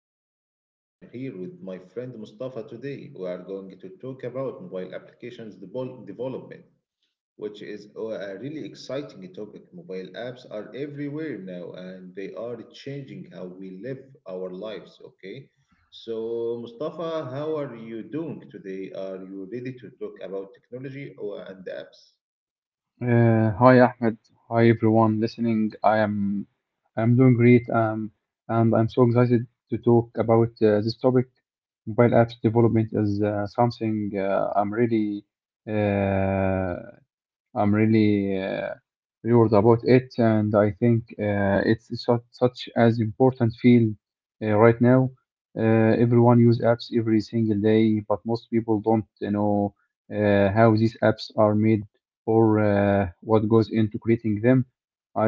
Ahmed and I am here with my friend Mustafa today. We are going to talk about mobile applications development, which is a really exciting topic. Mobile apps are everywhere now and they are changing how we live our lives, okay? So Mustafa, how are you doing today? Are you ready to talk about technology or and apps? Hi Ahmed. Hi everyone listening. I'm doing great, and I'm so excited to talk about this topic. Mobile apps development is something I'm really uh, I'm really uh, worried about it, and I think it's such as important field right now. Everyone use apps every single day, but most people don't. How these apps are made or what goes into creating them.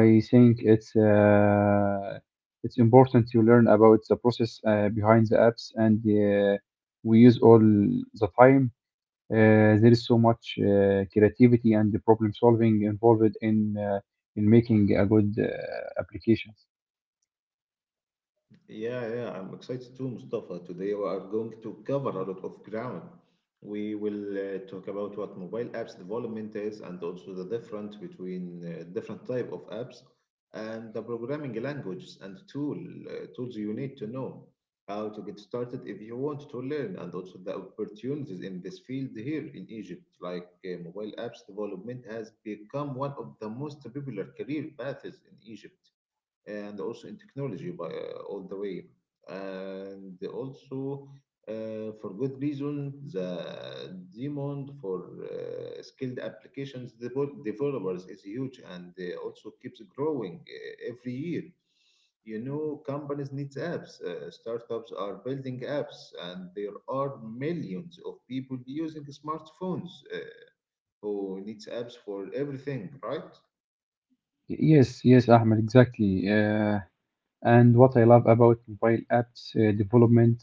I think it's important to learn about the process behind the apps, and we use all the time. There is so much creativity and the problem solving involved in making a good applications. Yeah, yeah, I'm excited too, Mustafa. Today we are going to cover a lot of ground. We will talk about what mobile apps development is and also the difference between different type of apps and the programming languages and tools you need to know how to get started if you want to learn and also the opportunities in this field here in Egypt. Like mobile apps development has become one of the most popular career paths in Egypt and also in technology by, all the way. And also, for good reason, the demand for skilled applications developers is huge and also keeps growing every year. You know, companies need apps. Startups are building apps, and there are millions of people using smartphones who needs apps for everything, right? Yes, yes, Ahmed, exactly. And what I love about mobile apps development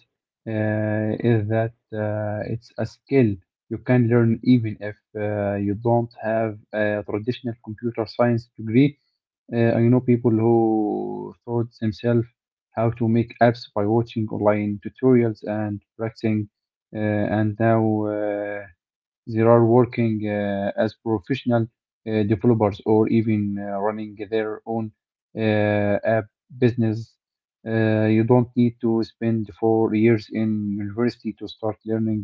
is that it's a skill you can learn even if you don't have a traditional computer science degree. I know people who taught themselves how to make apps by watching online tutorials and practicing, uh, and now they are working as professional developers or even running their own uh, app business. You don't need to spend 4 years in university to start learning.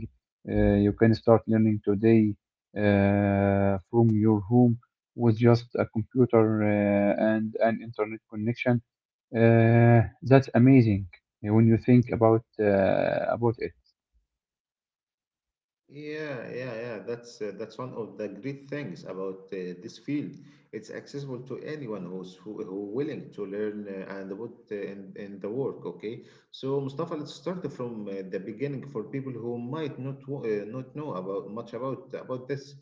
You can start learning today from your home with just a computer and an internet connection. That's amazing when you think about it. Yeah, yeah, yeah. That's one of the great things about this field. It's accessible to anyone who willing to learn and put in the work. Okay, so Mustafa, let's start from the beginning for people who might not know about much about this.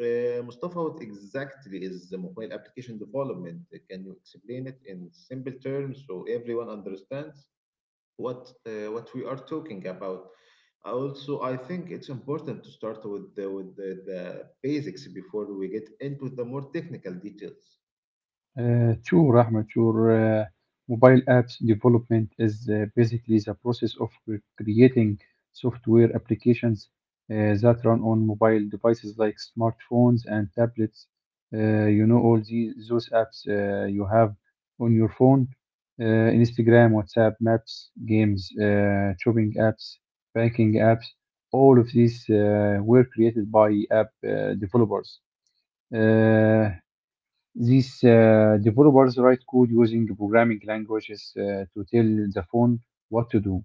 Mustafa, what exactly is the mobile application development? Can you explain it in simple terms so everyone understands what we are talking about? Also, I think it's important to start with the basics before we get into the more technical details. True, Rahmat, your uh, mobile apps development is basically the process of creating software applications that run on mobile devices like smartphones and tablets. You know, all those apps you have on your phone, uh, Instagram, WhatsApp, Maps, games, shopping apps, banking apps. All of these were created by app developers. Uh, these developers write code using programming languages to tell the phone what to do.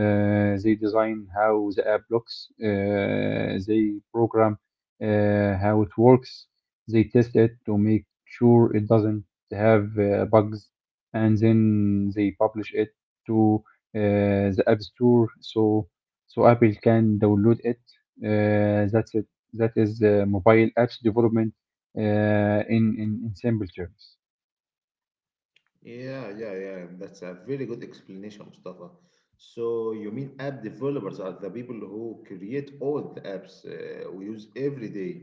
They design how the app looks. They program how it works, they test it to make sure it doesn't have bugs, and then they publish it to the App Store so Apple can download it. That's it. That is mobile apps development in simple terms. Yeah, yeah, yeah. That's a very good explanation, Mustafa. So you mean app developers are the people who create all the apps we use every day?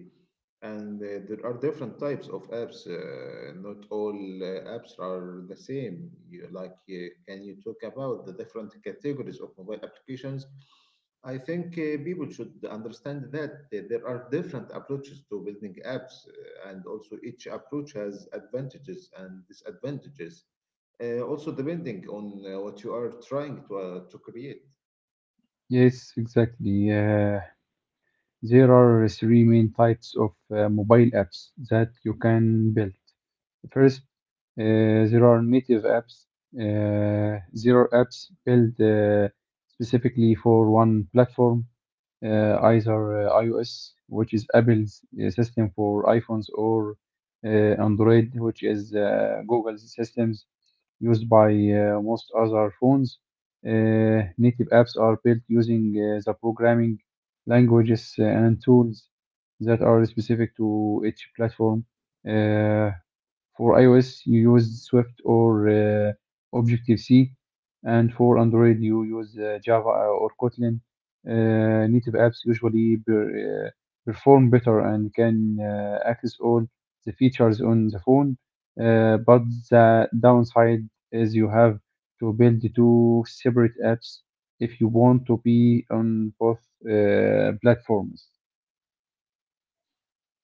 And there are different types of apps. Not all apps are the same. Can you talk about the different categories of mobile applications? I think people should understand that there are different approaches to building apps, and also each approach has advantages and disadvantages. Also, depending on what you are trying to create. Yes, exactly. There are three main types of mobile apps that you can build. First, there are native apps. There are apps built specifically for one platform, either iOS, which is Apple's system for iPhones, or uh, Android, which is Google's systems used by most other phones. Native apps are built using the programming languages and tools that are specific to each platform. Uh, for iOS, you use Swift or Objective-C, and for Android, you use Java or Kotlin. Native apps usually perform better and can access all the features on the phone, but the downside is you have to build two separate apps if you want to be on both platforms.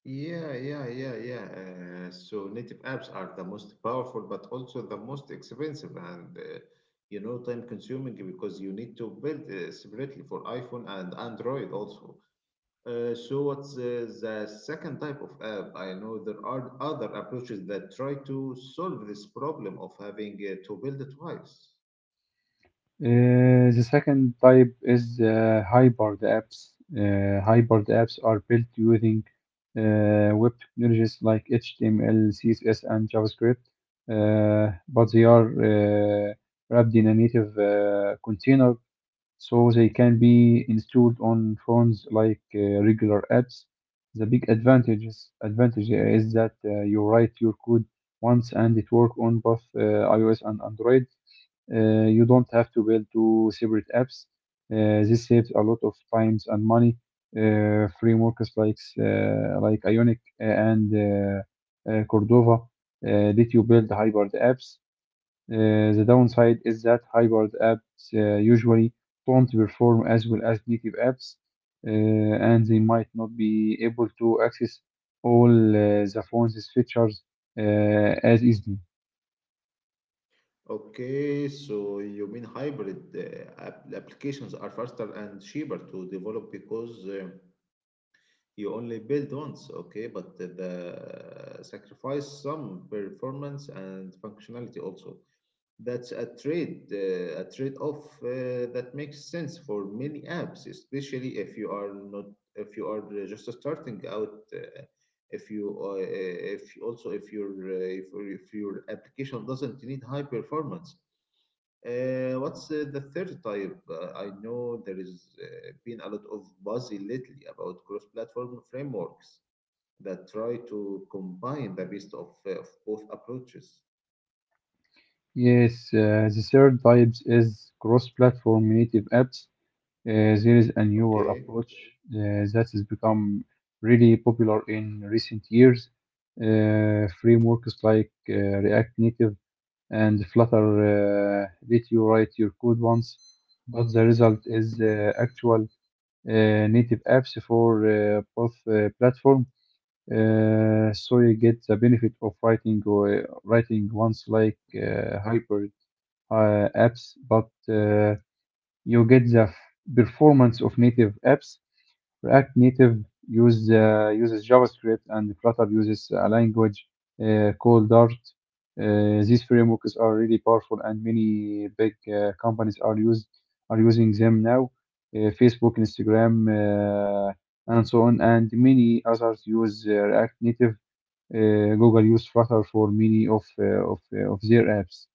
Yeah, yeah, yeah, yeah. So native apps are the most powerful, but also the most expensive and, you know, time consuming because you need to build separately for iPhone and Android also. So what's the second type of app? I know there are other approaches that try to solve this problem of having to build it twice. The second type is hybrid apps. Hybrid apps are built using web technologies like HTML, CSS, and JavaScript, but they are wrapped in a native container, so they can be installed on phones like regular apps. The big advantage is that you write your code once and it works on both iOS and Android. You don't have to build two separate apps. This saves a lot of times and money. Frameworks like Ionic and Cordova let you build hybrid apps. The downside is that hybrid apps usually don't perform as well as native apps, and they might not be able to access all the phone's features uh, as easily. Okay, so you mean hybrid app applications are faster and cheaper to develop because, you only build once, okay, but the sacrifice some performance and functionality also. That's a trade-off that makes sense for many apps, especially if you are not, if you are just starting out. If you, if also if your, If your application doesn't need high performance. What's the third type? I know there is been a lot of buzz lately about cross-platform frameworks that try to combine the best of both approaches. Yes, the third type is cross-platform native apps. There is a newer Okay. approach that has become really popular in recent years. Frameworks like React Native and Flutter let you write your code once, but the result is actual native apps for both platform. So you get the benefit of writing once like hyper apps, but you get the performance of native apps. React Native uses JavaScript, and Flutter uses a language called Dart. These frameworks are really powerful, and many big companies are using them now. Facebook, Instagram, and so on, and many others use React Native. Google use Flutter for many of their apps.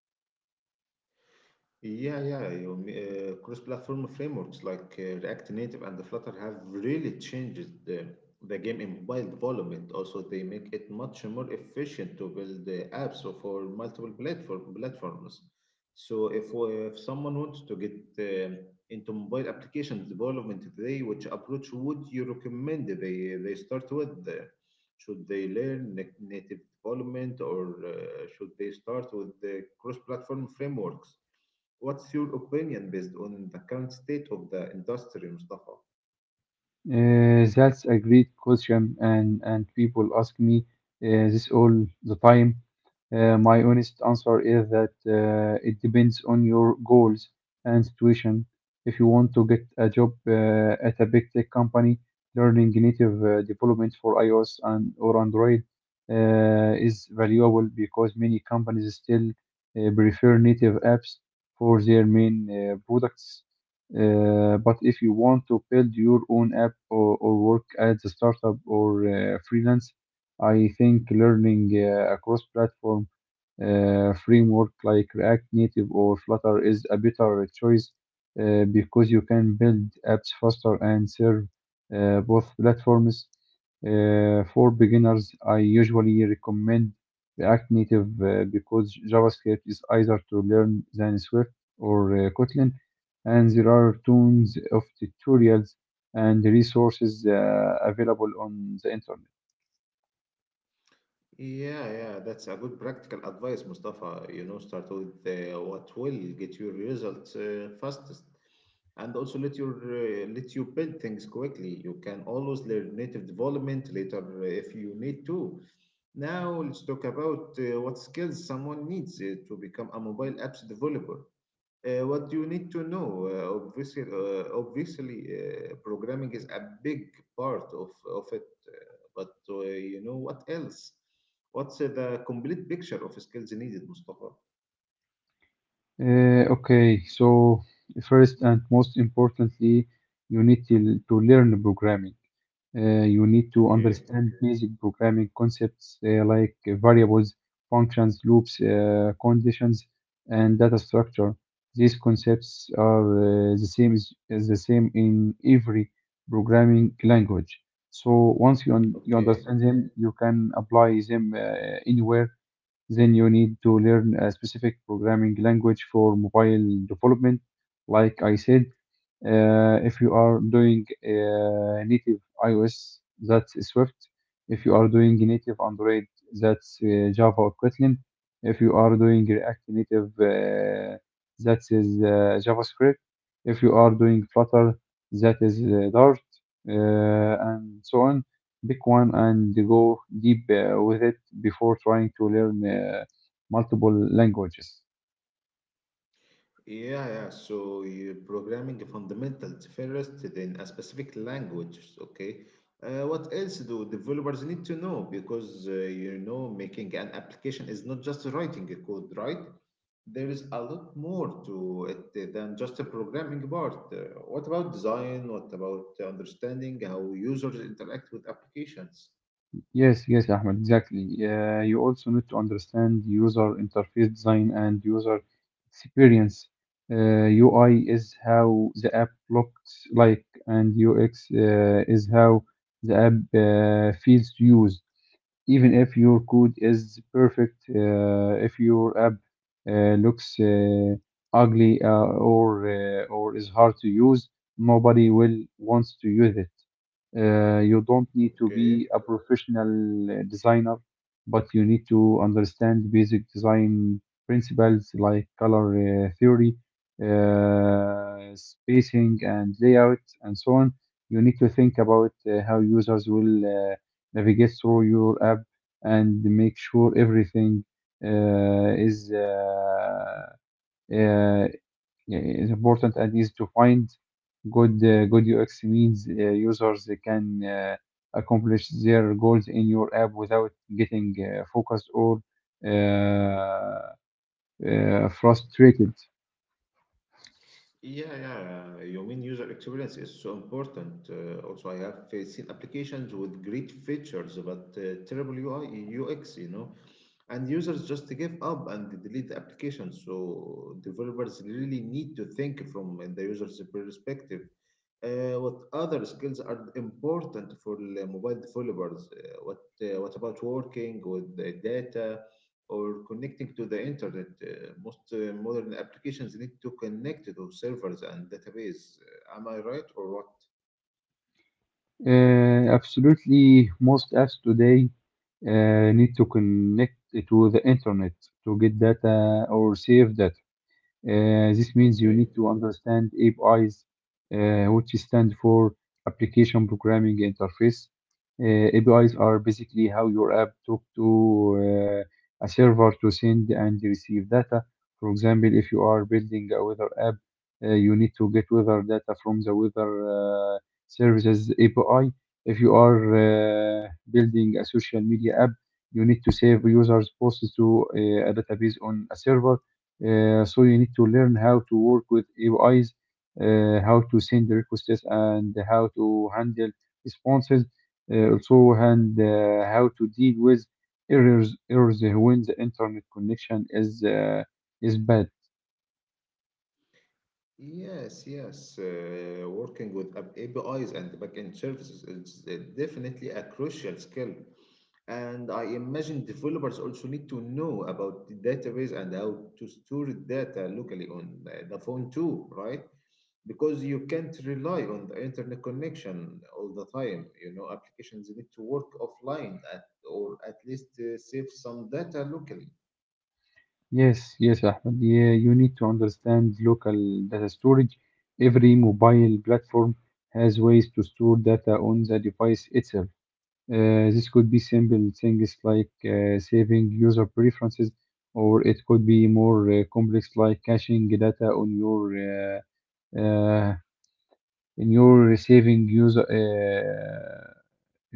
Yeah, yeah. Cross-platform frameworks like React Native and Flutter have really changed the game in mobile development. Also, they make it much more efficient to build apps for multiple platforms. So, if someone wants to get into mobile applications development today, which approach would you recommend they start with? Should they learn native development or should they start with the cross-platform frameworks? What's your opinion based on the current state of the industry, Mustafa? That's a great question, and people ask me this all the time. My honest answer is that it depends on your goals and situation. If you want to get a job at a big tech company, learning native development for iOS and or Android is valuable because many companies still prefer native apps for their main products. But if you want to build your own app or work as a startup or freelance, I think learning across platform framework like React Native or Flutter is a better choice because you can build apps faster and serve both platforms. For beginners, I usually recommend React Native because JavaScript is easier to learn than Swift or Kotlin, and there are tons of tutorials and resources available on the internet. Yeah, yeah, that's a good practical advice, Mustafa. You know, start with what will get your results fastest, and also let you build things quickly. You can always learn native development later if you need to. Now, let's talk about what skills someone needs to become a mobile apps developer. What you need to know, obviously programming is a big part of it, uh, but you know what else? What's the complete picture of skills needed, Mustafa? Okay, so first and most importantly, you need to learn programming. You need to Okay, understand basic programming concepts like variables, functions, loops, conditions, and data structure. These concepts are the same in every programming language. So once you un you okay. understand them, you can apply them anywhere. Then you need to learn a specific programming language for mobile development. Like I said, if you are doing native iOS, that's Swift. If you are doing native Android, that's Java or Kotlin. If you are doing React Native, that is JavaScript. If you are doing Flutter, that is Dart, and so on. Pick one and go deep with it before trying to learn multiple languages. Yeah, yeah. So you programming fundamentals first, then a specific language. Okay. What else do developers need to know? Because you know, making an application is not just writing a code, right? There is a lot more to it than just a programming part. What about design? What about understanding how users interact with applications? Yes, yes, Ahmed, exactly. You also need to understand user interface design and user experience. Uh, UI is how the app looks like, and UX is how the app feels to use. Even if your code is perfect, if your app uh, looks ugly or or is hard to use, nobody will wants to use it. You don't need to Okay. be a professional designer, but you need to understand basic design principles like color theory, spacing, and layout, and so on. You need to think about how users will navigate through your app and make sure everything uh, is uh, uh, is important and easy to find. Good UX means users can accomplish their goals in your app without getting focused or frustrated. Yeah, yeah. You mean user experience is so important. Also, I have seen applications with great features but terrible UI, UX. You know, and users just give up and they delete the application. So developers really need to think from the user's perspective. What other skills are important for the mobile developers? What about working with the data or connecting to the internet? Most modern applications need to connect to servers and database. Am I right or what? Absolutely, most apps today need to connect to the internet to get data or save data. This means you Okay. need to understand APIs, which stand for Application Programming Interface. APIs are basically how your app talk to a server to send and receive data. For example, if you are building a weather app, you need to get weather data from the weather services API. If you are building a social media app, you need to save users' posts to a database on a server. So you need to learn how to work with APIs, how to send requests, and how to handle responses. Also, and how to deal with errors when the internet connection is bad. Yes, yes. Working with APIs and backend services is definitely a crucial skill. And I imagine developers also need to know about the database and how to store data locally on the phone too, right? Because you can't rely on the internet connection all the time. You know, applications need to work offline at, or at least save some data locally. Yes, yes, Ahmed. Yeah, you need to understand local data storage. Every mobile platform has ways to store data on the device itself. This could be simple things like saving user preferences, or it could be more complex like caching data on your uh, uh, in your saving user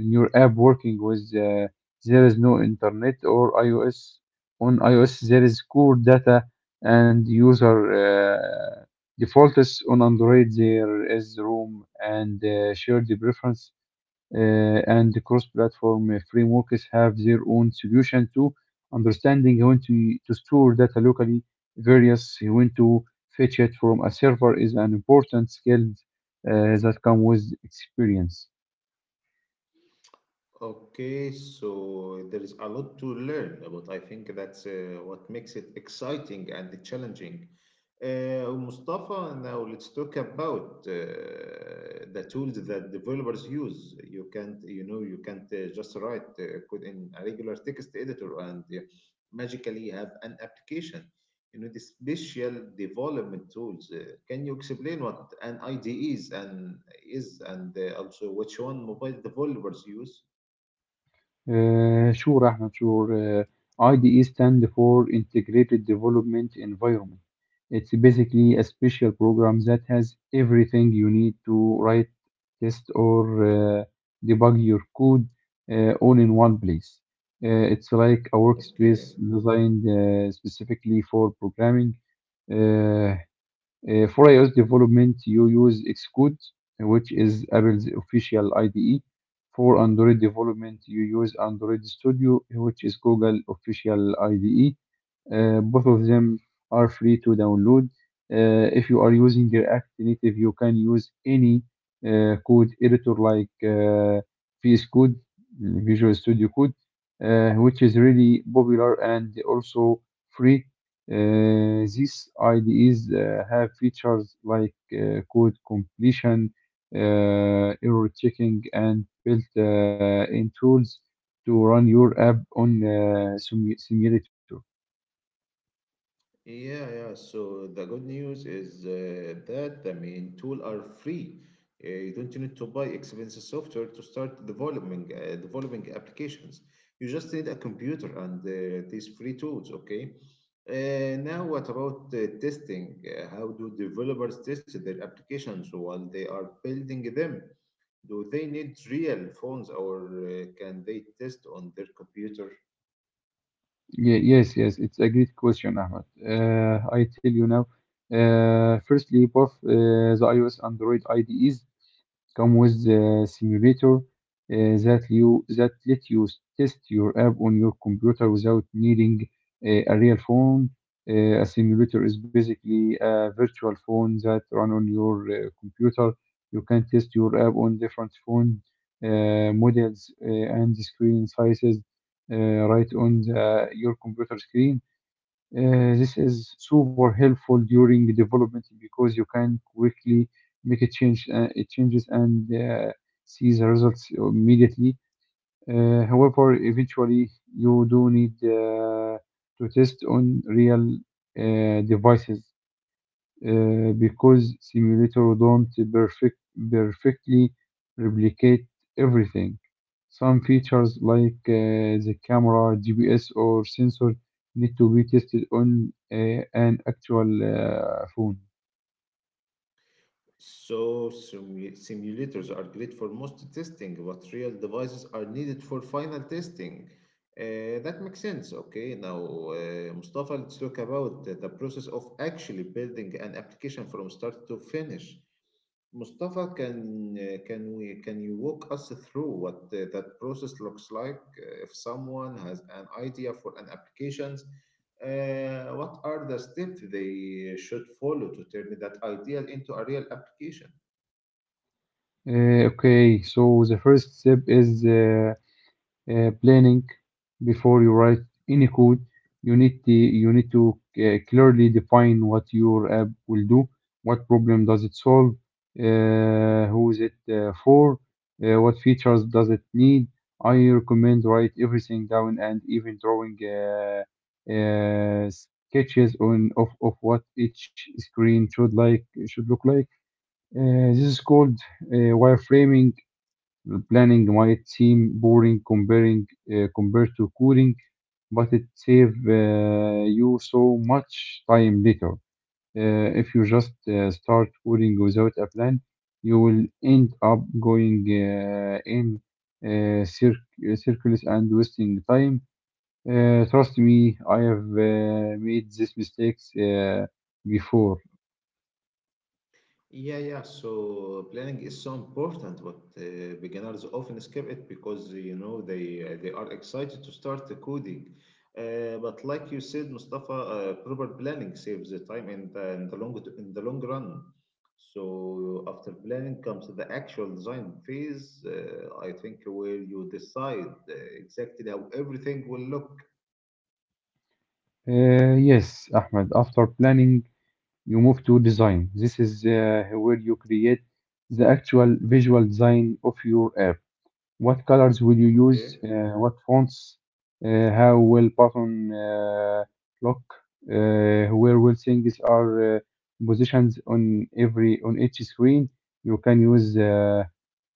in your app working with, there is no internet or iOS. On iOS there is core data and user uh, defaults. On Android there is room and shared preference uh, and cross-platform frameworks have their own solution to understanding when to store data locally, various when to fetch it from a server is an important skill uh, that comes with experience. Okay, so there is a lot to learn, but I think that's what makes it exciting and challenging. Mustafa, now let's talk about the tools that developers use. You can't, you know, you can't just write code in a regular text editor and magically have an application. You need special development tools. Can you explain what an IDE is and is, and also which one mobile developers use? Sure, Ahmed, sure. IDE stand for Integrated Development Environment. It's basically a special program that has everything you need to write, test, or debug your code all in one place. It's like a workspace Okay. designed specifically for programming. Uh, for iOS development, you use Xcode, which is Apple's official IDE. For Android development, you use Android Studio, which is Google official IDE. Both of them are free to download. If you are using React Native, you can use any code editor like VS Code, Visual Studio Code, which is really popular and also free. These IDEs have features like code completion, uh, error checking, and built-in tools to run your app on simulator. Yeah, yeah. So the good news is that the main tool are free. You don't need to buy expensive software to start developing applications. You just need a computer and these free tools. Okay. Now, what about testing? How do developers test their applications while they are building them? Do they need real phones or can they test on their computer? Yes, it's a great question, Ahmed. I tell you now. Firstly, both the iOS and Android IDEs come with the simulator, that let you test your app on your computer without needing a real phone. A simulator is basically a virtual phone that run on your computer. You can test your app on different phone models and screen sizes right on your computer screen. This is super helpful during development because you can quickly make a change, it changes and see the results immediately. However, eventually you do need to test on real devices because simulator don't perfect, perfectly replicate everything. Some features like the camera, GPS, or sensor need to be tested on an actual phone. So, simulators are great for most testing, but real devices are needed for final testing. That makes sense. Okay, now, Mustafa, let's talk about the process of actually building an application from start to finish. Mustafa, can you walk us through what that process looks like? If someone has an idea for an application, what are the steps they should follow to turn that idea into a real application? Okay, so the first step is planning. Before you write any code, you need to clearly define what your app will do, what problem does it solve, who is it for, what features does it need. I recommend write everything down and even drawing sketches of what each screen should look like. This is called wireframing. Planning might seem boring comparing compared to coding, but it saves you so much time later. If you just start coding without a plan, you will end up going in uh, cir- circles and wasting time. Trust me, I have made these mistakes before. Yeah, yeah. So planning is so important, but beginners often skip it because you know they are excited to start the coding. But like you said, Mustafa, proper planning saves the time in the long run. So after planning comes the actual design phase. I think where you decide exactly how everything will look. Yes, Ahmed, after planning you move to design. This is where you create the actual visual design of your app. What colors will you use? Okay. What fonts? How will button look? Where will things are positioned on each screen? You can use uh,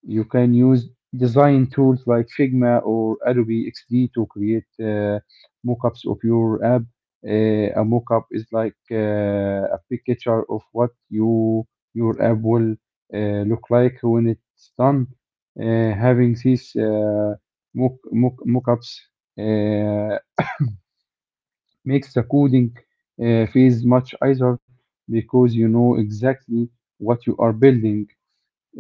you can use design tools like Figma or Adobe XD to create mockups of your app. A mockup is like a picture of what your app will look like when it's done. Having these mockups uh, makes the coding phase much easier because you know exactly what you are building.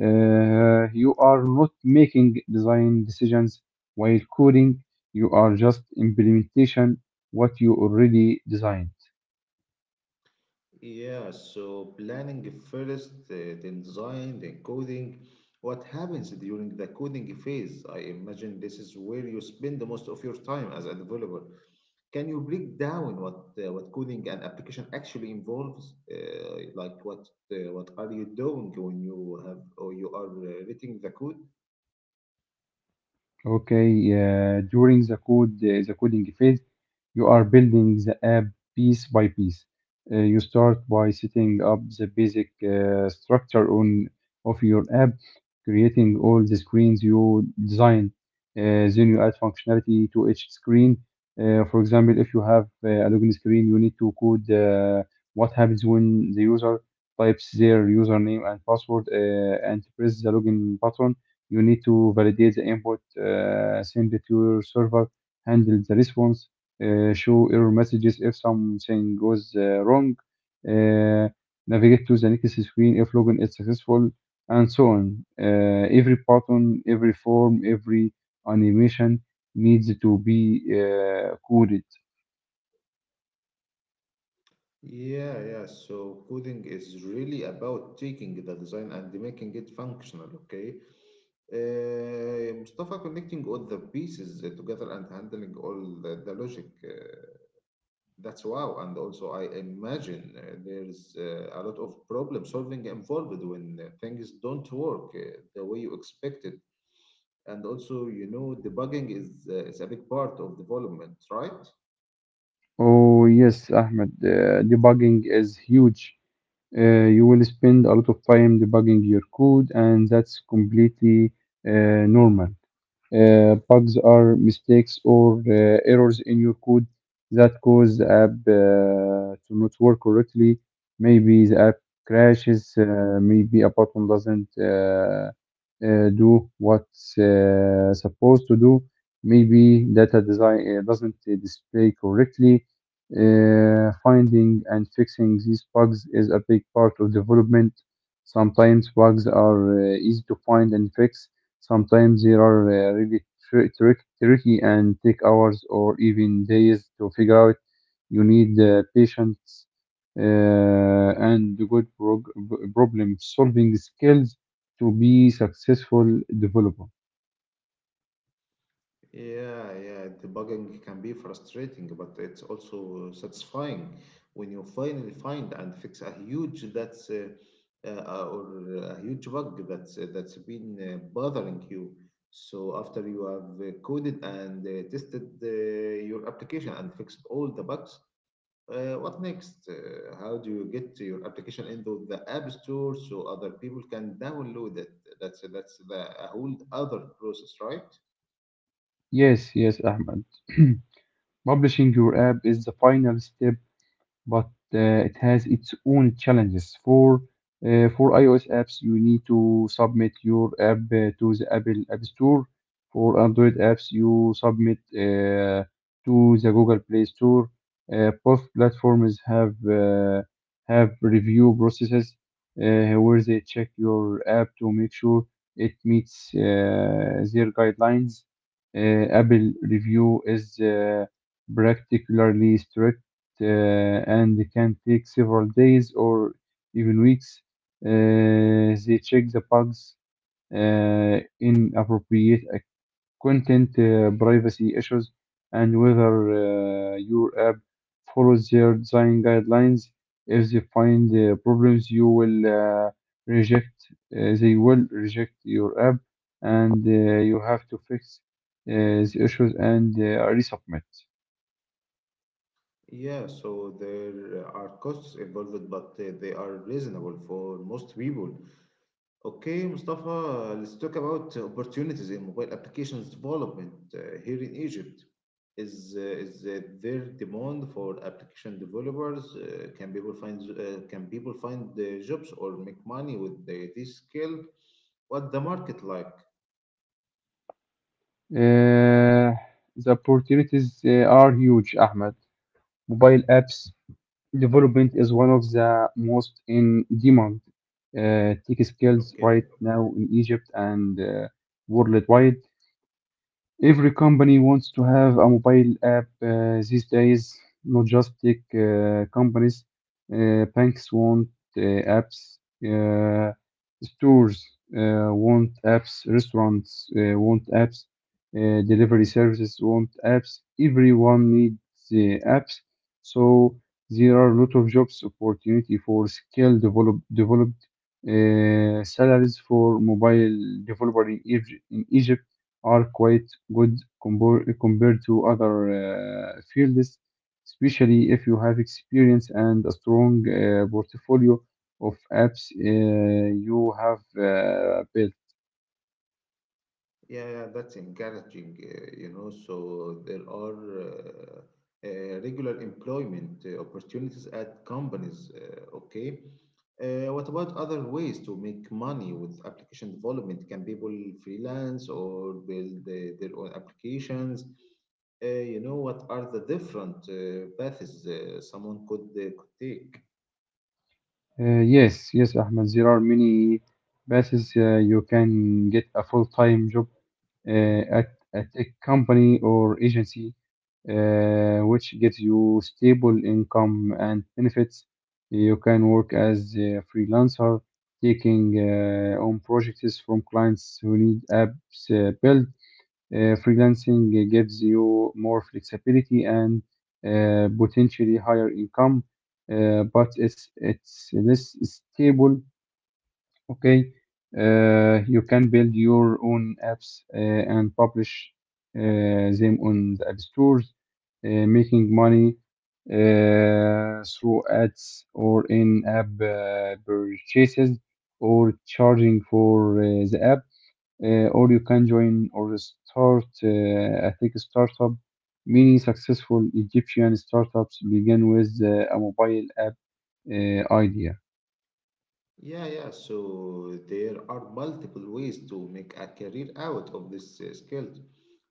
You are not making design decisions while coding. You are just implementation what you already designed. Yeah, so planning first, then design, then coding. What happens during the coding phase? I imagine this is where you spend the most of your time as a developer. Can you break down what coding and application actually involves? What are you doing when you have or you are writing the code? During the coding phase, you are building the app piece by piece. You start by setting up the basic structure on of your app, creating all the screens you design. Then you add functionality to each screen. For example, if you have a login screen, you need to code what happens when the user types their username and password and press the login button. You need to validate the input, send it to your server, handle the response, show error messages if something goes wrong, uh, navigate to the next screen if login is successful, and so on. Every button, every form, every animation needs to be coded. Yeah, yeah. So coding is really about taking the design and making it functional, okay? Mustafa, connecting all the pieces together and handling all the logic. That's wow. And also, I imagine there's a lot of problem solving involved when things don't work the way you expected. And also, you know, debugging is a big part of development, right? Oh, yes, Ahmed, debugging is huge. You will spend a lot of time debugging your code, and that's completely uh, normal. Bugs are mistakes or errors in your code that cause the app to not work correctly. Maybe the app crashes, maybe a button doesn't do what's supposed to do, maybe data design doesn't display correctly. Finding and fixing these bugs is a big part of development. Sometimes bugs are easy to find and fix. Sometimes they are really tricky and take hours or even days to figure out. You need patience uh, and good problem solving skills to be successful developer. Yeah, yeah, debugging can be frustrating, but it's also satisfying when you finally find and fix a huge bug that's been bothering you. So after you have coded and tested your application and fixed all the bugs, what next? How do you get your application into the App Store so other people can download it? That's a whole other process, right? Yes, yes, Ahmed. Publishing your app is the final step, but it has its own challenges. For iOS apps, you need to submit your app to the Apple App Store. For Android apps, you submit to the Google Play Store. Uh, both platforms have review processes where they check your app to make sure it meets their guidelines. Apple review is particularly strict, uh, and it can take several days or even weeks. They check the bugs, inappropriate content, privacy issues, and whether your app follows their design guidelines. If they find problems, you will reject. They will reject your app, and you have to fix uh, the issues and resubmit. Yeah, so there are costs involved, but they are reasonable for most people. Okay, Mustafa, let's talk about opportunities in mobile applications development here in Egypt. Is there demand for application developers? Can people find can people find the jobs or make money with this skill? What the market like? Uh, the opportunities are huge, Ahmed. Mobile apps development is one of the most in demand tech skills Okay. right now in Egypt and worldwide. Every company wants to have a mobile app these days, not just tech companies. Banks want apps, uh, stores want apps, restaurants want apps, delivery services want apps. Everyone needs the apps. So there are a lot of jobs opportunity for developed, salaries for mobile developer In Egypt are quite good compared to other fields, especially if you have experience and a strong portfolio of apps you have built. Yeah, yeah, that's encouraging, So there are regular employment opportunities at companies. Okay. What about other ways to make money with application development? Can people freelance or build their own applications? What are the different paths someone could take? Yes, Ahmed. There are many places. You can get a full-time job uh, at a tech company or agency, which gives you stable income and benefits. You can work as a freelancer, taking on projects from clients who need apps built. Freelancing gives you more flexibility and potentially higher income, but it's less stable. Okay, you can build your own apps and publish them on the app stores, making money through ads or in-app purchases or charging for the app, or you can join or start, I think, a startup. Many successful Egyptian startups begin with a mobile app idea. Yeah, yeah. So there are multiple ways to make a career out of this skill.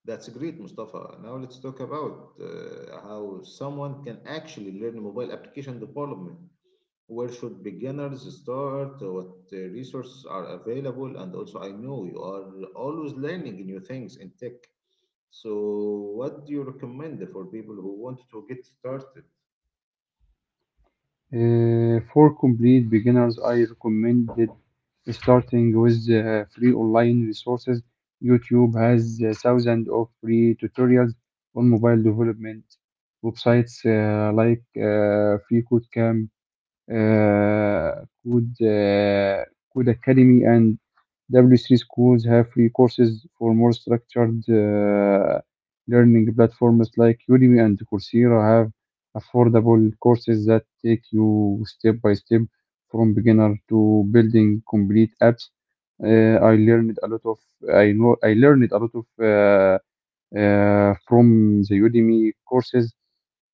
That's great, Mustafa. Now let's talk about how someone can actually learn mobile application development. Where should beginners start? What resources are available? And also, I know you are always learning new things in tech. So, what do you recommend for people who want to get started? For complete beginners, I recommended starting with free online resources. YouTube has thousands of free tutorials on mobile development. Websites like FreeCodeCamp, could Code Academy, and W3 schools have free courses. For more structured learning, platforms like Udemy and Coursera have affordable courses that take you step by step from beginner to building complete apps. Uh, I learned a lot of I know I learned a lot of from the Udemy courses.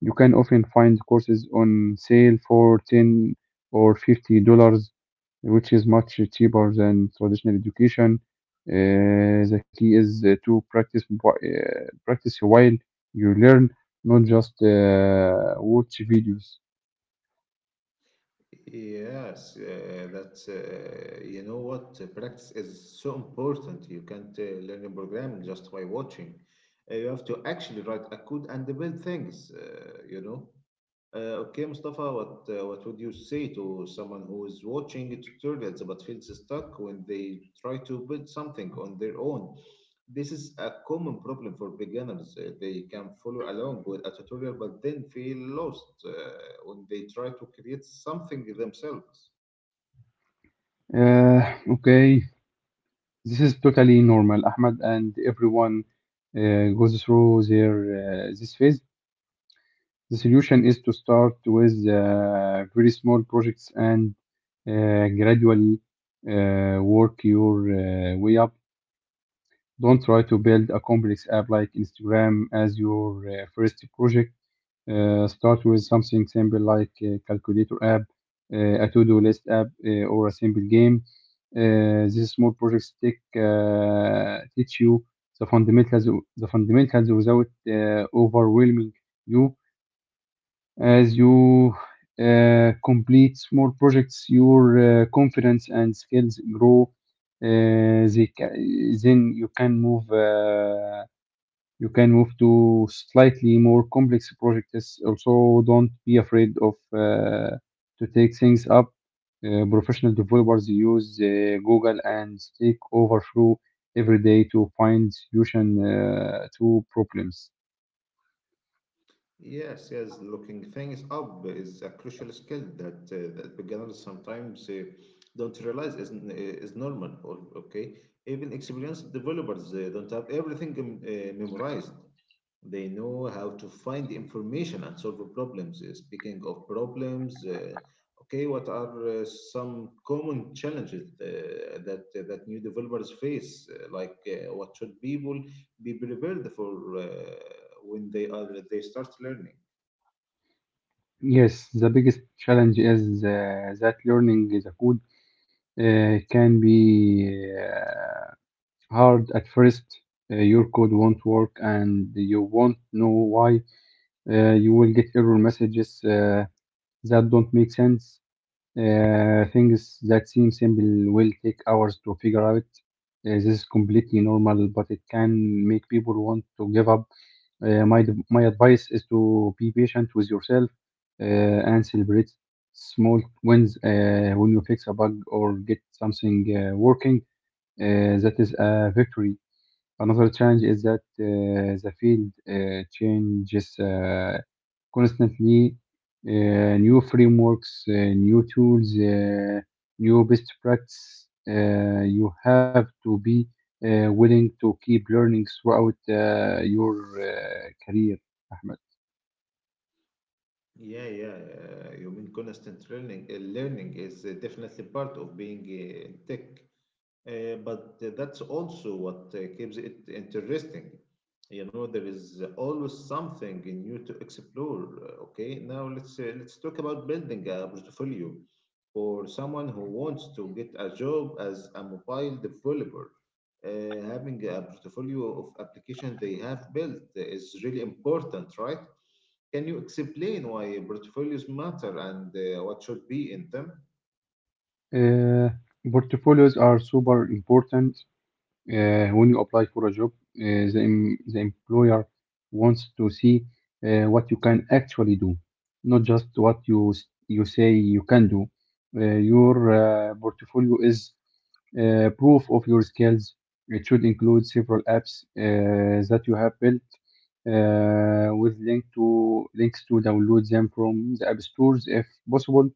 You can often find courses on sale for 10 or $50, which is much cheaper than traditional education. The key is to practice while you learn, not just watch videos. Yes, that's what practice is so important. You can't learn a program just by watching. You have to actually write a code and build things. Okay, Mustafa, what would you say to someone who is watching a tutorials but feels stuck when they try to build something on their own? This is a common problem for beginners. They can follow along with a tutorial but then feel lost when they try to create something themselves. Uh, okay, this is totally normal, Ahmed, and everyone goes through their this phase. The solution is to start with very small projects and uh, gradually work your way up. Don't try to build a complex app like Instagram as your first project. Start with something simple like a calculator app, a to-do list app, or a simple game. These small projects teach you the fundamentals, without overwhelming you. As you complete small projects, your confidence and skills grow. Uh, they ca- then you can move to slightly more complex projects. Also, don't be afraid of to take things up. Professional developers use Google and Stack Overflow every day to find solution to problems. Yes, yes, looking things up is a crucial skill that beginners sometimes don't realize is normal. Okay, even experienced developers don't have everything memorized. They know how to find information and solve problems. Speaking of problems, okay, what are some common challenges that new developers face? What should people be prepared for when they start learning. Yes, the biggest challenge is that learning the code can be hard at first. Your code won't work, and you won't know why. You will get error messages that don't make sense. Things that seem simple will take hours to figure out. This is completely normal, but it can make people want to give up. My advice is to be patient with yourself and celebrate small wins when you fix a bug or get something working. That is a victory. Another challenge is that the field changes constantly. New frameworks, new tools, new best practice. You have to be willing to keep learning throughout your career, Ahmed. Yeah, yeah. You mean constant learning? Learning is definitely part of being in tech. But that's also what keeps it interesting. You know, there is always something new to explore. Okay, now let's talk about building a portfolio for someone who wants to get a job as a mobile developer. Having a portfolio of applications they have built is really important, right? Can you explain why portfolios matter and what should be in them? Uh, Portfolios are super important. When you apply for a job, the employer wants to see what you can actually do, not just what you say you can do. Your portfolio is proof of your skills. It should include several apps that you have built with links to download them from the app stores if possible,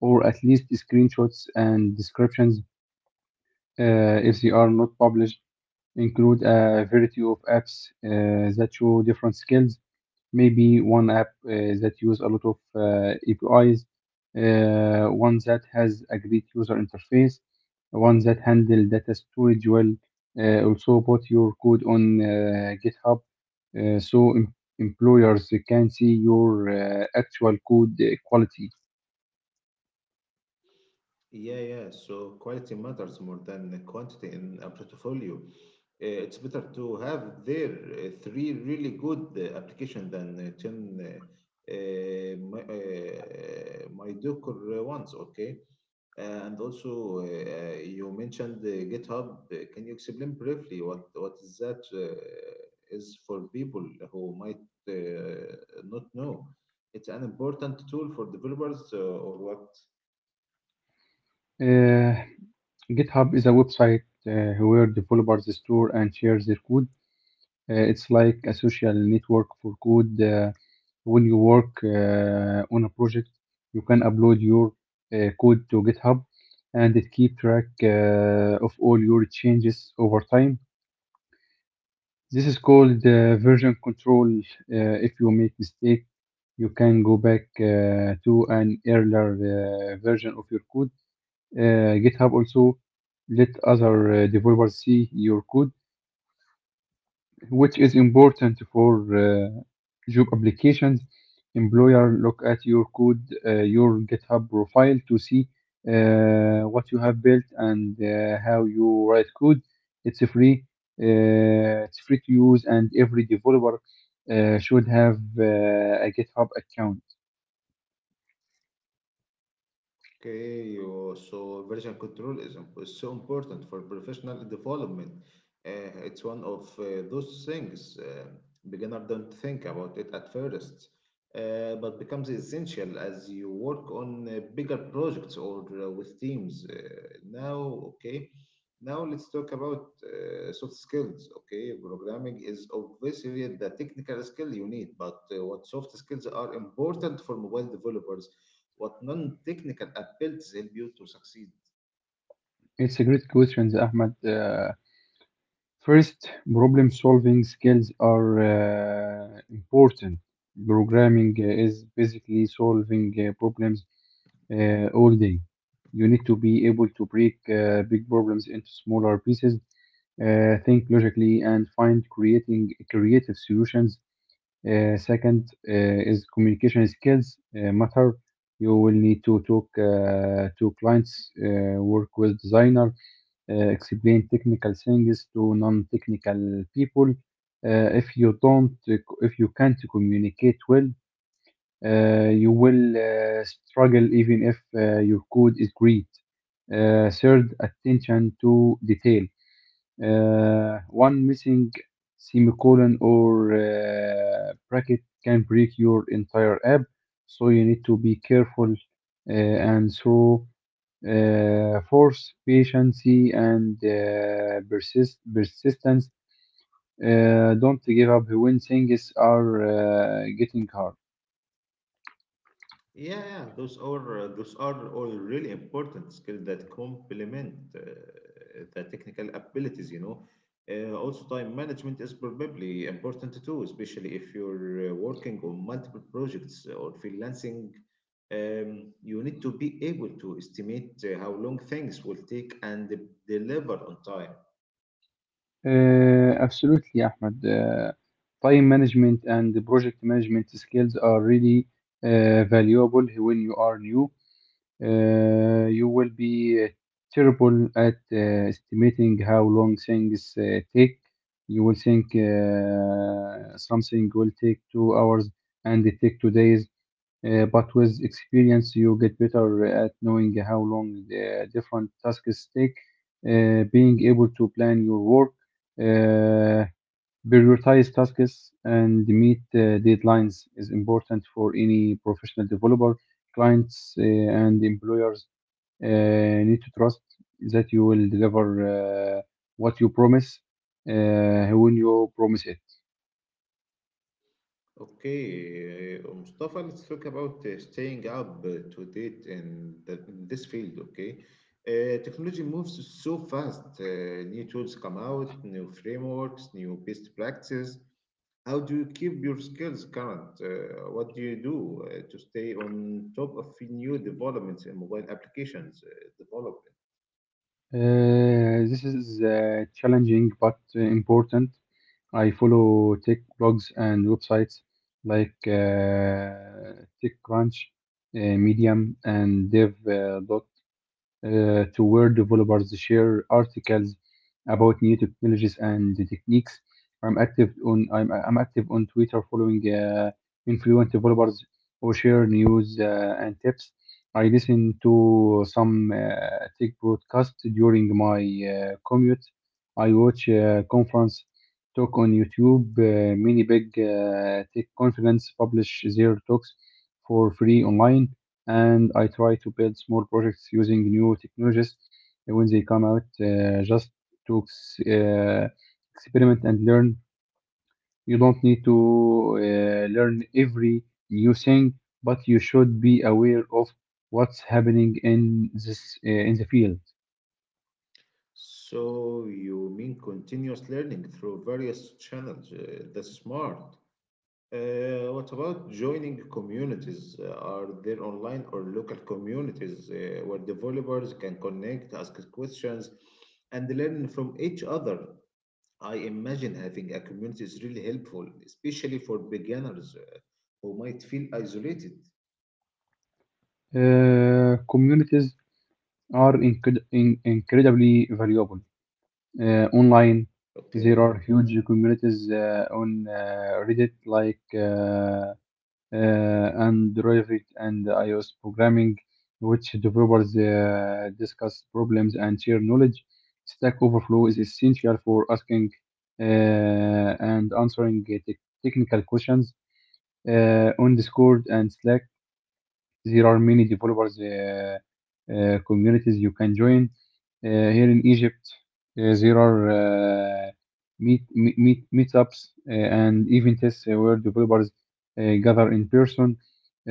or at least screenshots and descriptions if they are not published include a variety of apps that show different skills. Maybe one app that use a lot of APIs, one that has a great user interface, one that handle data storage well. Also, put your code on GitHub so employers can see your actual code quality. Yeah, yeah. So quality matters more than the quantity in a portfolio. It's better to have there three really good application than 10 mediocre ones, okay? And also, you mentioned GitHub. Can you explain briefly what is that is for people who might not know? It's an important tool for developers, or what? Uh, GitHub is a website where developers store and share their code. It's like a social network for code. When you work on a project, you can upload your code to GitHub and it keep track of all your changes over time. This is called version control. If you make mistake, you can go back to an earlier version of your code. GitHub also let other developers see your code, which is important for job applications. Employer look at your code, your GitHub profile to see what you have built and how you write code. It's free. It's free to use, and every developer should have a GitHub account. Okay, oh, so version control is so important for professional development. It's one of those things beginner don't think about it at first, but becomes essential as you work on bigger projects or with teams. Okay, now let's talk about soft skills. Okay, programming is obviously the technical skill you need, but what soft skills are important for mobile developers? What non-technical abilities help you to succeed. It's a great question, Ahmed. First, problem-solving skills are important. Programming is basically solving problems all day. You need to be able to break big problems into smaller pieces, think logically, and find creating creative solutions. Second is communication skills matter. You will need to talk to clients, work with designers explain technical things to non-technical people. Uh, if you don't, if you can't communicate well, you will struggle even if your code is great. Third, attention to detail. One missing semicolon or bracket can break your entire app, so you need to be careful uh, and thorough force, patience, and persistence. Don't give up when things are getting hard. Yeah, yeah, those are all really important skills that complement the technical abilities. You know, also time management is probably important too, especially if you're working on multiple projects or freelancing. You need to be able to estimate how long things will take deliver on time. Absolutely, Ahmed. Time management and project management skills are really valuable when you are new. You will be terrible at estimating how long things take. You will think something will take 2 hours and it take 2 days. But with experience, you get better at knowing how long the different tasks take. Being able to plan your work, uh, prioritize tasks, and meet deadlines is important for any professional developer clients and employers uh, need to trust that you will deliver what you promise when you promise it. Okay, Mustafa, let's talk about staying up to date in in this field, okay? Technology moves so fast. New tools come out, new frameworks, new best practices. How do you keep your skills current? What do you do to stay on top of new developments in mobile applications development? This is challenging but important. I follow tech blogs and websites like TechCrunch, Medium, and Dev.com to where developers share articles about new technologies and the techniques. I'm active on Twitter following influent developers who share news and tips. I listen to some tech broadcasts during my commute. I watch conference talk on YouTube. Many big tech conference publish their talks for free online and I try to build small projects using new technologies when they come out, just to ex- uh, experiment and learn. You don't need to learn every new thing, but you should be aware of what's happening in this in the field. So you mean continuous learning through various channels? That's smart. What about joining communities? Are there online or local communities where developers can connect, ask questions, and learn from each other? I imagine having a community is really helpful, especially for beginners who might feel isolated. Communities are incredibly valuable. Online, there Okay. are huge communities on Reddit, like. And derivative and iOS programming, which developers discuss problems and share knowledge. Stack Overflow is essential for asking uh, and answering technical questions on Discord and Slack. There are many developers communities you can join. Here in Egypt, there are meetups and events where developers gather in person.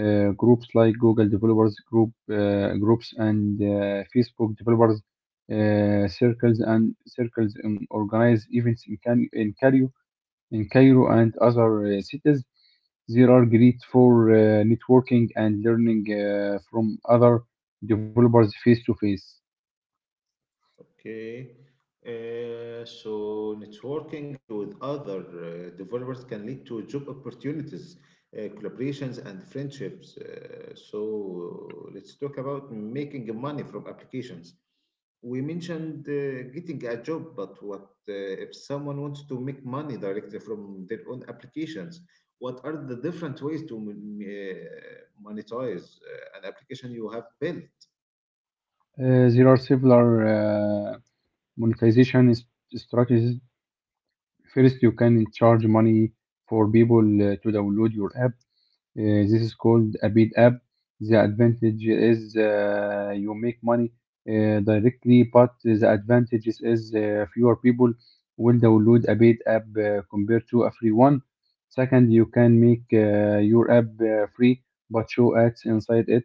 Groups like Google Developers Group, groups and Facebook Developers circles and circles organize events in Cairo and other cities. There are great for networking and learning from other developers face to face. Okay. So networking with other developers can lead to job opportunities, collaborations, and friendships. So let's talk about making money from applications. We mentioned getting a job, but what if someone wants to make money directly from their own applications? What are the different ways to monetize an application you have built? There are several monetization strategies. First, you can charge money for people to download your app. This is called a paid app. The advantage is you make money directly, but the advantages is fewer people will download a paid app compared to a free one. Second, you can make your app free but show ads inside it.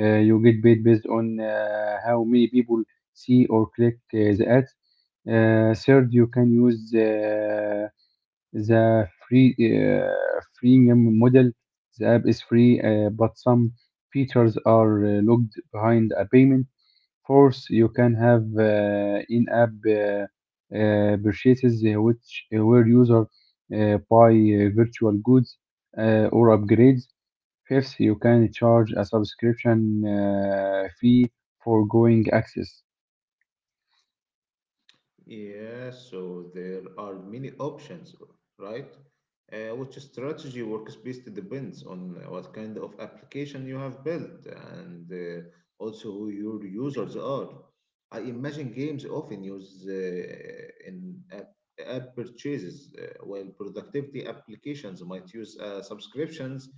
You get paid based on how many people see or click the ads. Third, you can use the free freemium model, the app is free, but some features are logged behind a payment. Fourth, you can have in-app purchases, which where user buy virtual goods or upgrades. Fifth, you can charge a subscription fee for going access. Yeah, so there are many options, right? Which strategy works best depends on what kind of application you have built and also who your users are. I imagine games often use app purchases, while productivity applications might use subscriptions.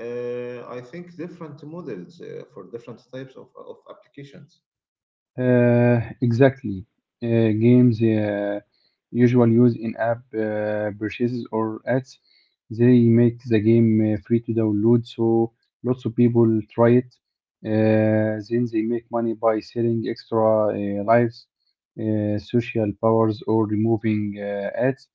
I think different models for different types of applications. Exactly. Uh, Games usually use in-app purchases or ads. They make the game free to download, so lots of people try it. Then they make money by selling extra lives, social powers, or removing ads.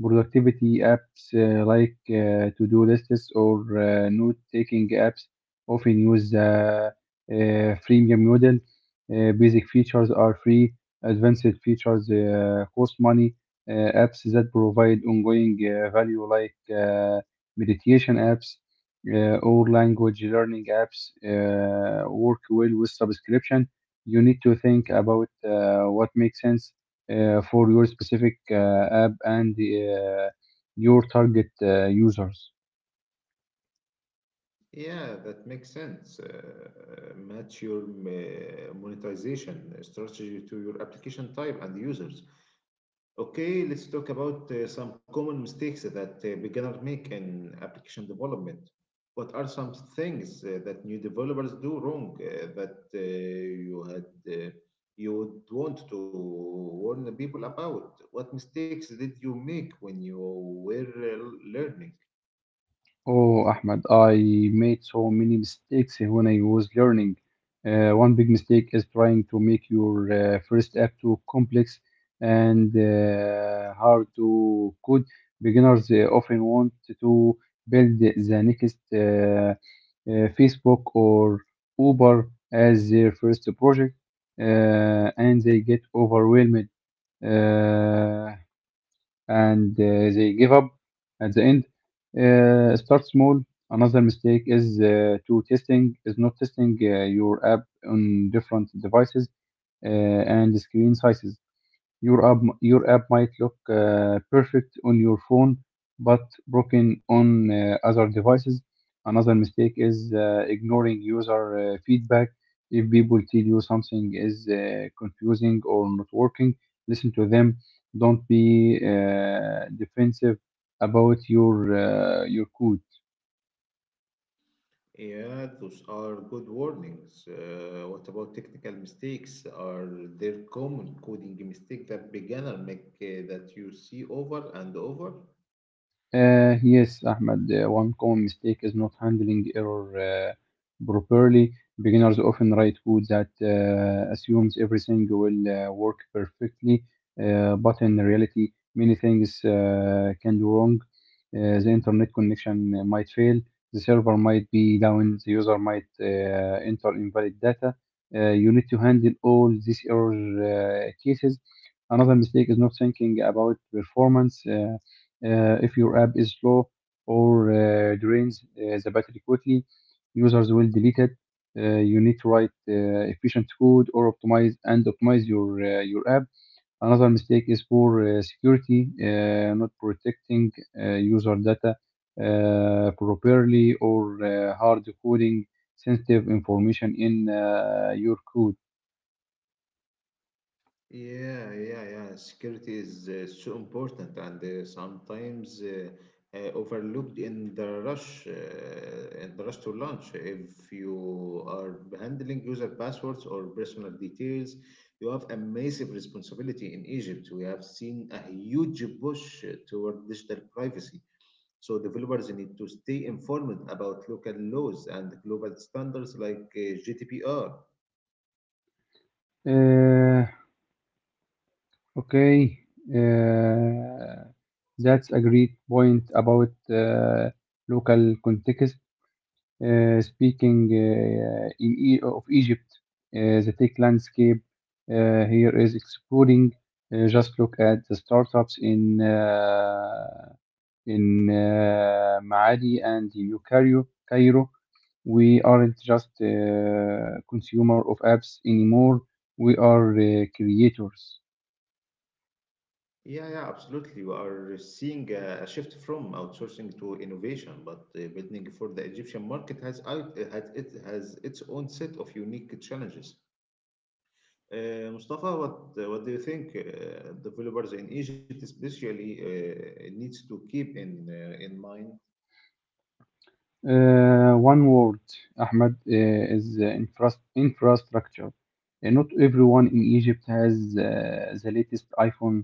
Productivity apps like to-do lists or note-taking apps often use the freemium model basic features are free, advanced features cost money, apps that provide ongoing value like meditation apps or language learning apps work well with subscription. You need to think about what makes sense for your specific app and your target users. Yeah, that makes sense. Match your monetization strategy to your application type and users. Okay, let's talk about some common mistakes that beginners make in application development. What are some things that new developers do wrong that you had uh, you would want to warn the people about? What mistakes did you make when you were learning? Oh, Ahmed, I made so many mistakes when I was learning. One big mistake is trying to make your first app too complex and hard to code. Beginners often want to build the next Facebook or Uber as their first project, and they get overwhelmed. Uh, and They give up at the end. Start small. Another mistake is to testing is not testing your app on different devices and screen sizes. Your app might look perfect on your phone, but broken on other devices. Another mistake is ignoring user feedback. If people tell you something is confusing or not working, listen to them. Don't be defensive about your code. Yeah, those are good warnings. What about technical mistakes? Are there common coding mistakes that beginner make that you see over and over? Yes, Ahmed, one common mistake is not handling error properly. Beginners often write code that assumes everything will work perfectly, but in reality, many things can do wrong. The internet connection might fail, the server might be down, the user might enter invalid data. You need to handle all these error cases. Another mistake is not thinking about performance. If your app is slow or drains the battery quickly, users will delete it. You need to write efficient code or optimize and optimize your app. Another mistake is poor security, not protecting user data properly or hard coding sensitive information in your code. Yeah, yeah, yeah. Security is so important and sometimes overlooked in in the rush to launch. If you are handling user passwords or personal details, you have a massive responsibility in Egypt. We have seen a huge push toward digital privacy. So developers need to stay informed about local laws and global standards like GDPR. Uh, Okay, uh, that's a great point about local context. Speaking in e of Egypt, the tech landscape here is exploding. Just look at the startups in Maadi and in Cairo, we aren't just consumer of apps anymore. We are creators. Yeah, yeah, absolutely. We are seeing a shift from outsourcing to innovation, but building for the Egyptian market has out, has it has its own set of unique challenges. Mustafa, what do you think? Developers in Egypt, especially, needs to keep in mind. One word, Ahmed, is infrastructure. Not everyone in Egypt has the latest iPhone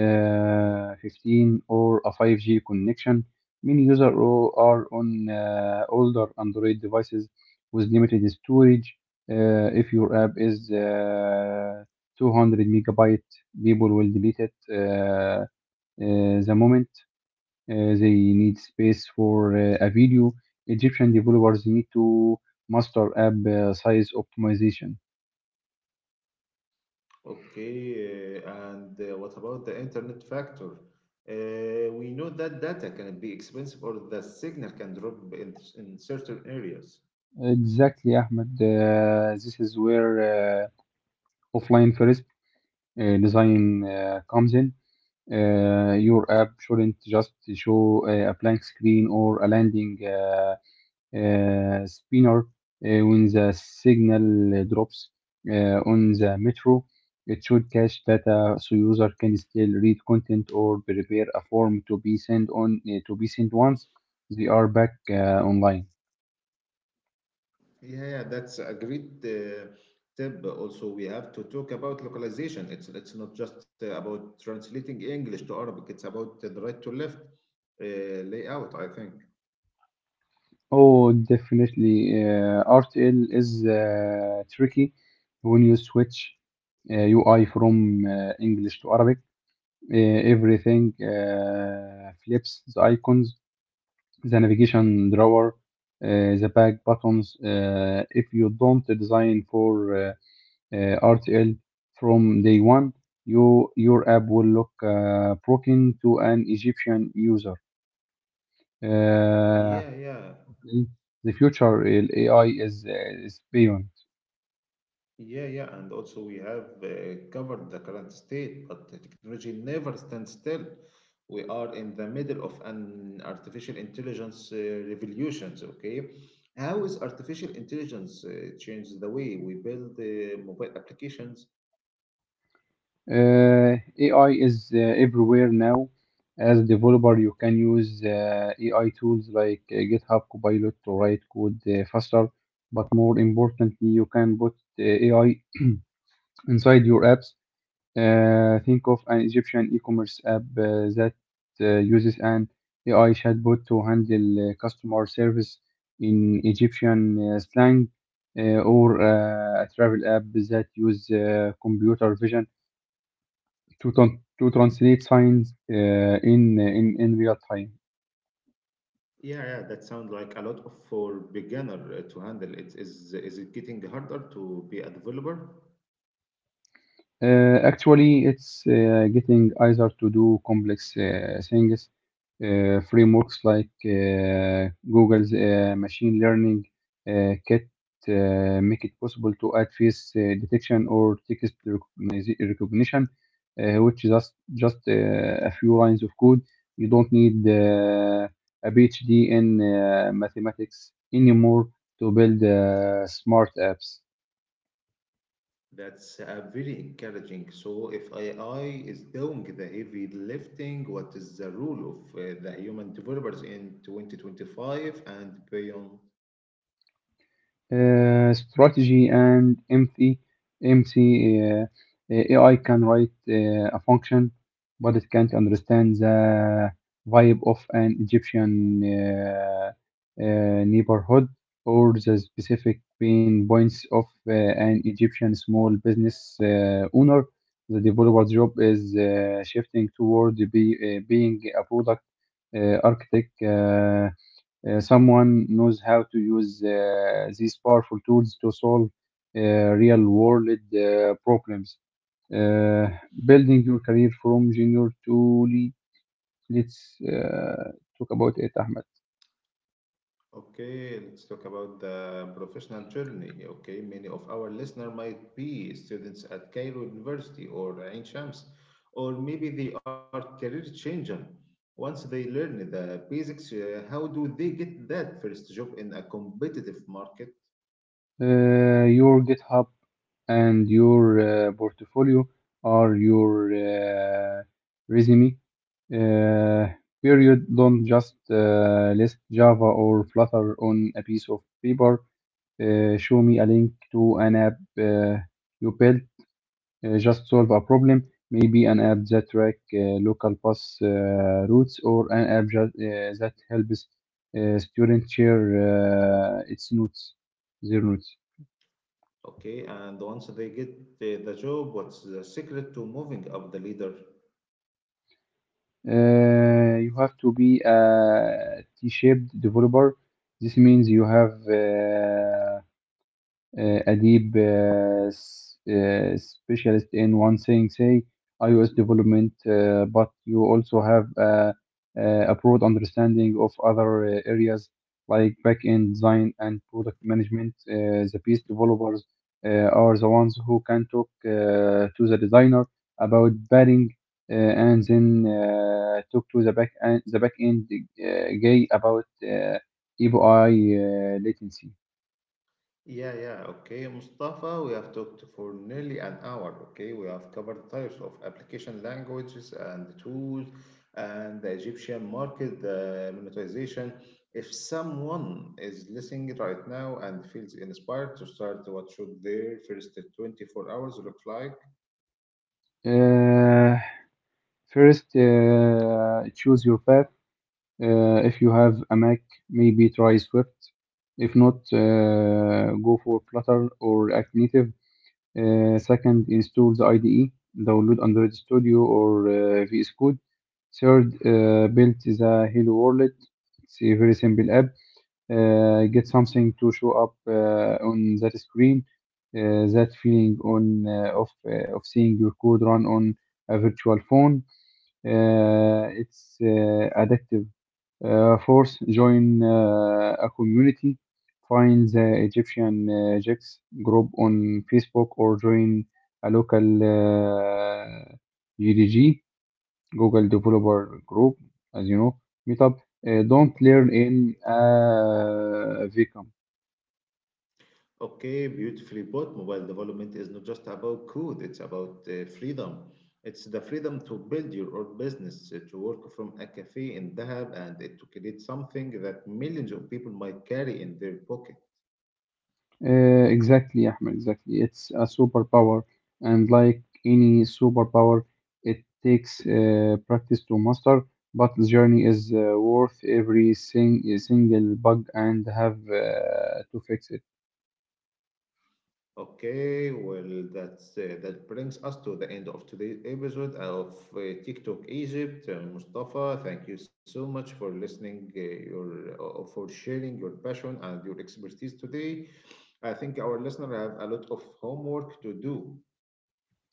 15 or a 5G connection. Many users are on older Android devices with limited storage. If your app is 200 megabyte, people will delete it the moment they need space for a video. Egyptian developers need to master app size optimization. Okay, and what about the internet factor? We know that data can be expensive or the signal can drop in certain areas. Exactly, Ahmed. This is where offline first design comes in. Your app shouldn't just show a blank screen or a landing spinner when the signal drops on the metro. It should cache data so user can still read content or prepare a form to be sent once they are back online. Yeah, yeah, that's a great tip. Also, we have to talk about localization. It's not just about translating English to Arabic. It's about the right to left uh, layout, I think. Oh, definitely. RTL is tricky when you switch UI from English to Arabic. Everything flips the icons, the navigation drawer, the back buttons. If you don't design for RTL from day one, your app will look broken to an Egyptian user. Uh, Yeah, yeah, Mm. The future in AI is is beyond. yeah, yeah. And also, we have covered the current state, but the technology never stands still. We are in the middle of an artificial intelligence revolutions. Okay, how is artificial intelligence changed the way we build mobile applications? AI is everywhere now. As a developer, you can use AI tools like GitHub Copilot to write code faster, but more importantly, you can put AI inside your apps. Think of an Egyptian e-commerce app that uses an AI chatbot to handle customer service in Egyptian slang, or a travel app that uses computer vision to to translate signs in real time. Yeah, yeah, that sounds like a lot of- for beginner to handle. It Is it getting harder to be a developer? Actually, it's getting easier to do complex things, frameworks like Google's machine learning kit make it possible to add face detection or text recognition, which is just a few lines of code. You don't need a PhD in mathematics anymore to build smart apps. That's very encouraging. So if AI is doing the heavy lifting, what is the role of the human developers in 2025 and beyond? Strategy and empty MC. uh, uh, AI can write a function, but it can't understand the vibe of an Egyptian neighborhood or the specific pain points of an Egyptian small business owner. The developer's job is shifting toward being a product architect. Someone knows how to use these powerful tools to solve uh, real world uh, problems. Uh, Building your career from junior to lead. Let's talk about it, Ahmed. Okay, let's talk about the professional journey. Okay, many of our listener might be students at Cairo University or Ain Shams, or maybe they are career changer. Once they learn the basics, how do they get that first job in a competitive market? Your GitHub and your portfolio are your resume. Uh, Period. Don't just list Java or Flutter on a piece of paper. Show me a link to an app you built, just solve a problem, maybe an app that track local bus routes or an app that, that helps students share their notes. Okay, and once they get the job, what's the secret to moving up the leader. You have to be a T-shaped developer. This means you have a deep specialist in one thing, say iOS development, but you also have a broad understanding of other areas like back-end design and product management. The piece developers are the ones who can talk to the designer about padding and then talk to the back end guy about API latency. Yeah, yeah, okay, Mustafa, we have talked for nearly an hour, okay? We have covered types of application languages and tools and the Egyptian market, the monetization. If someone is listening right now and feels inspired to start, what should their first 24 hours look like? Uh, First, choose your path. If you have a Mac, maybe try Swift. If not, go for Flutter or React Native. Second, install the IDE, download Android Studio or VS Code. Third, build the Hello Wallet. It's a very simple app. Get something to show up on that screen. That feeling on of seeing your code run on a virtual phone, it's addictive. Fourth, join a community. Find the Egyptian Jex group on Facebook or join a local GDG, Google Developer Group, as you know, meetup. Don't learn Okay. in a vacuum. Okay, beautifully put. Mobile development is not just about code, it's about freedom. It's the freedom to build your own business, to work from a cafe in Dahab and to create something that millions of people might carry in their pocket. Exactly, Ahmed, exactly. It's a superpower, and like any superpower, it takes practice to master, but the journey is worth every single bug and have to fix it. Okay, well, that brings us to the end of today's episode of TikTok Egypt. Mustafa, thank you so much for listening, your for sharing your passion and your expertise today. I think our listeners have a lot of homework to do.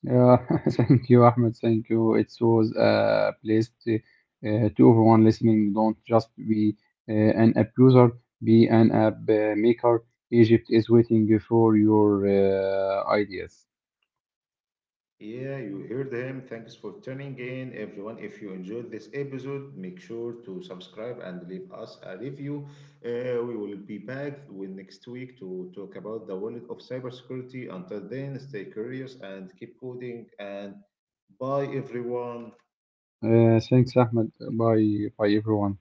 Yeah, thank you, Ahmed. Thank you. It was a place to everyone listening. Don't just be an abuser, be an app maker. Egypt is waiting for your ideas. Yeah, you heard him. Thanks for tuning in, everyone. If you enjoyed this episode, make sure to subscribe and leave us a review. We will be back with next week to talk about the world of cybersecurity. Until then, stay curious and keep coding. And bye, everyone. Thanks, Ahmed. Bye, bye, everyone.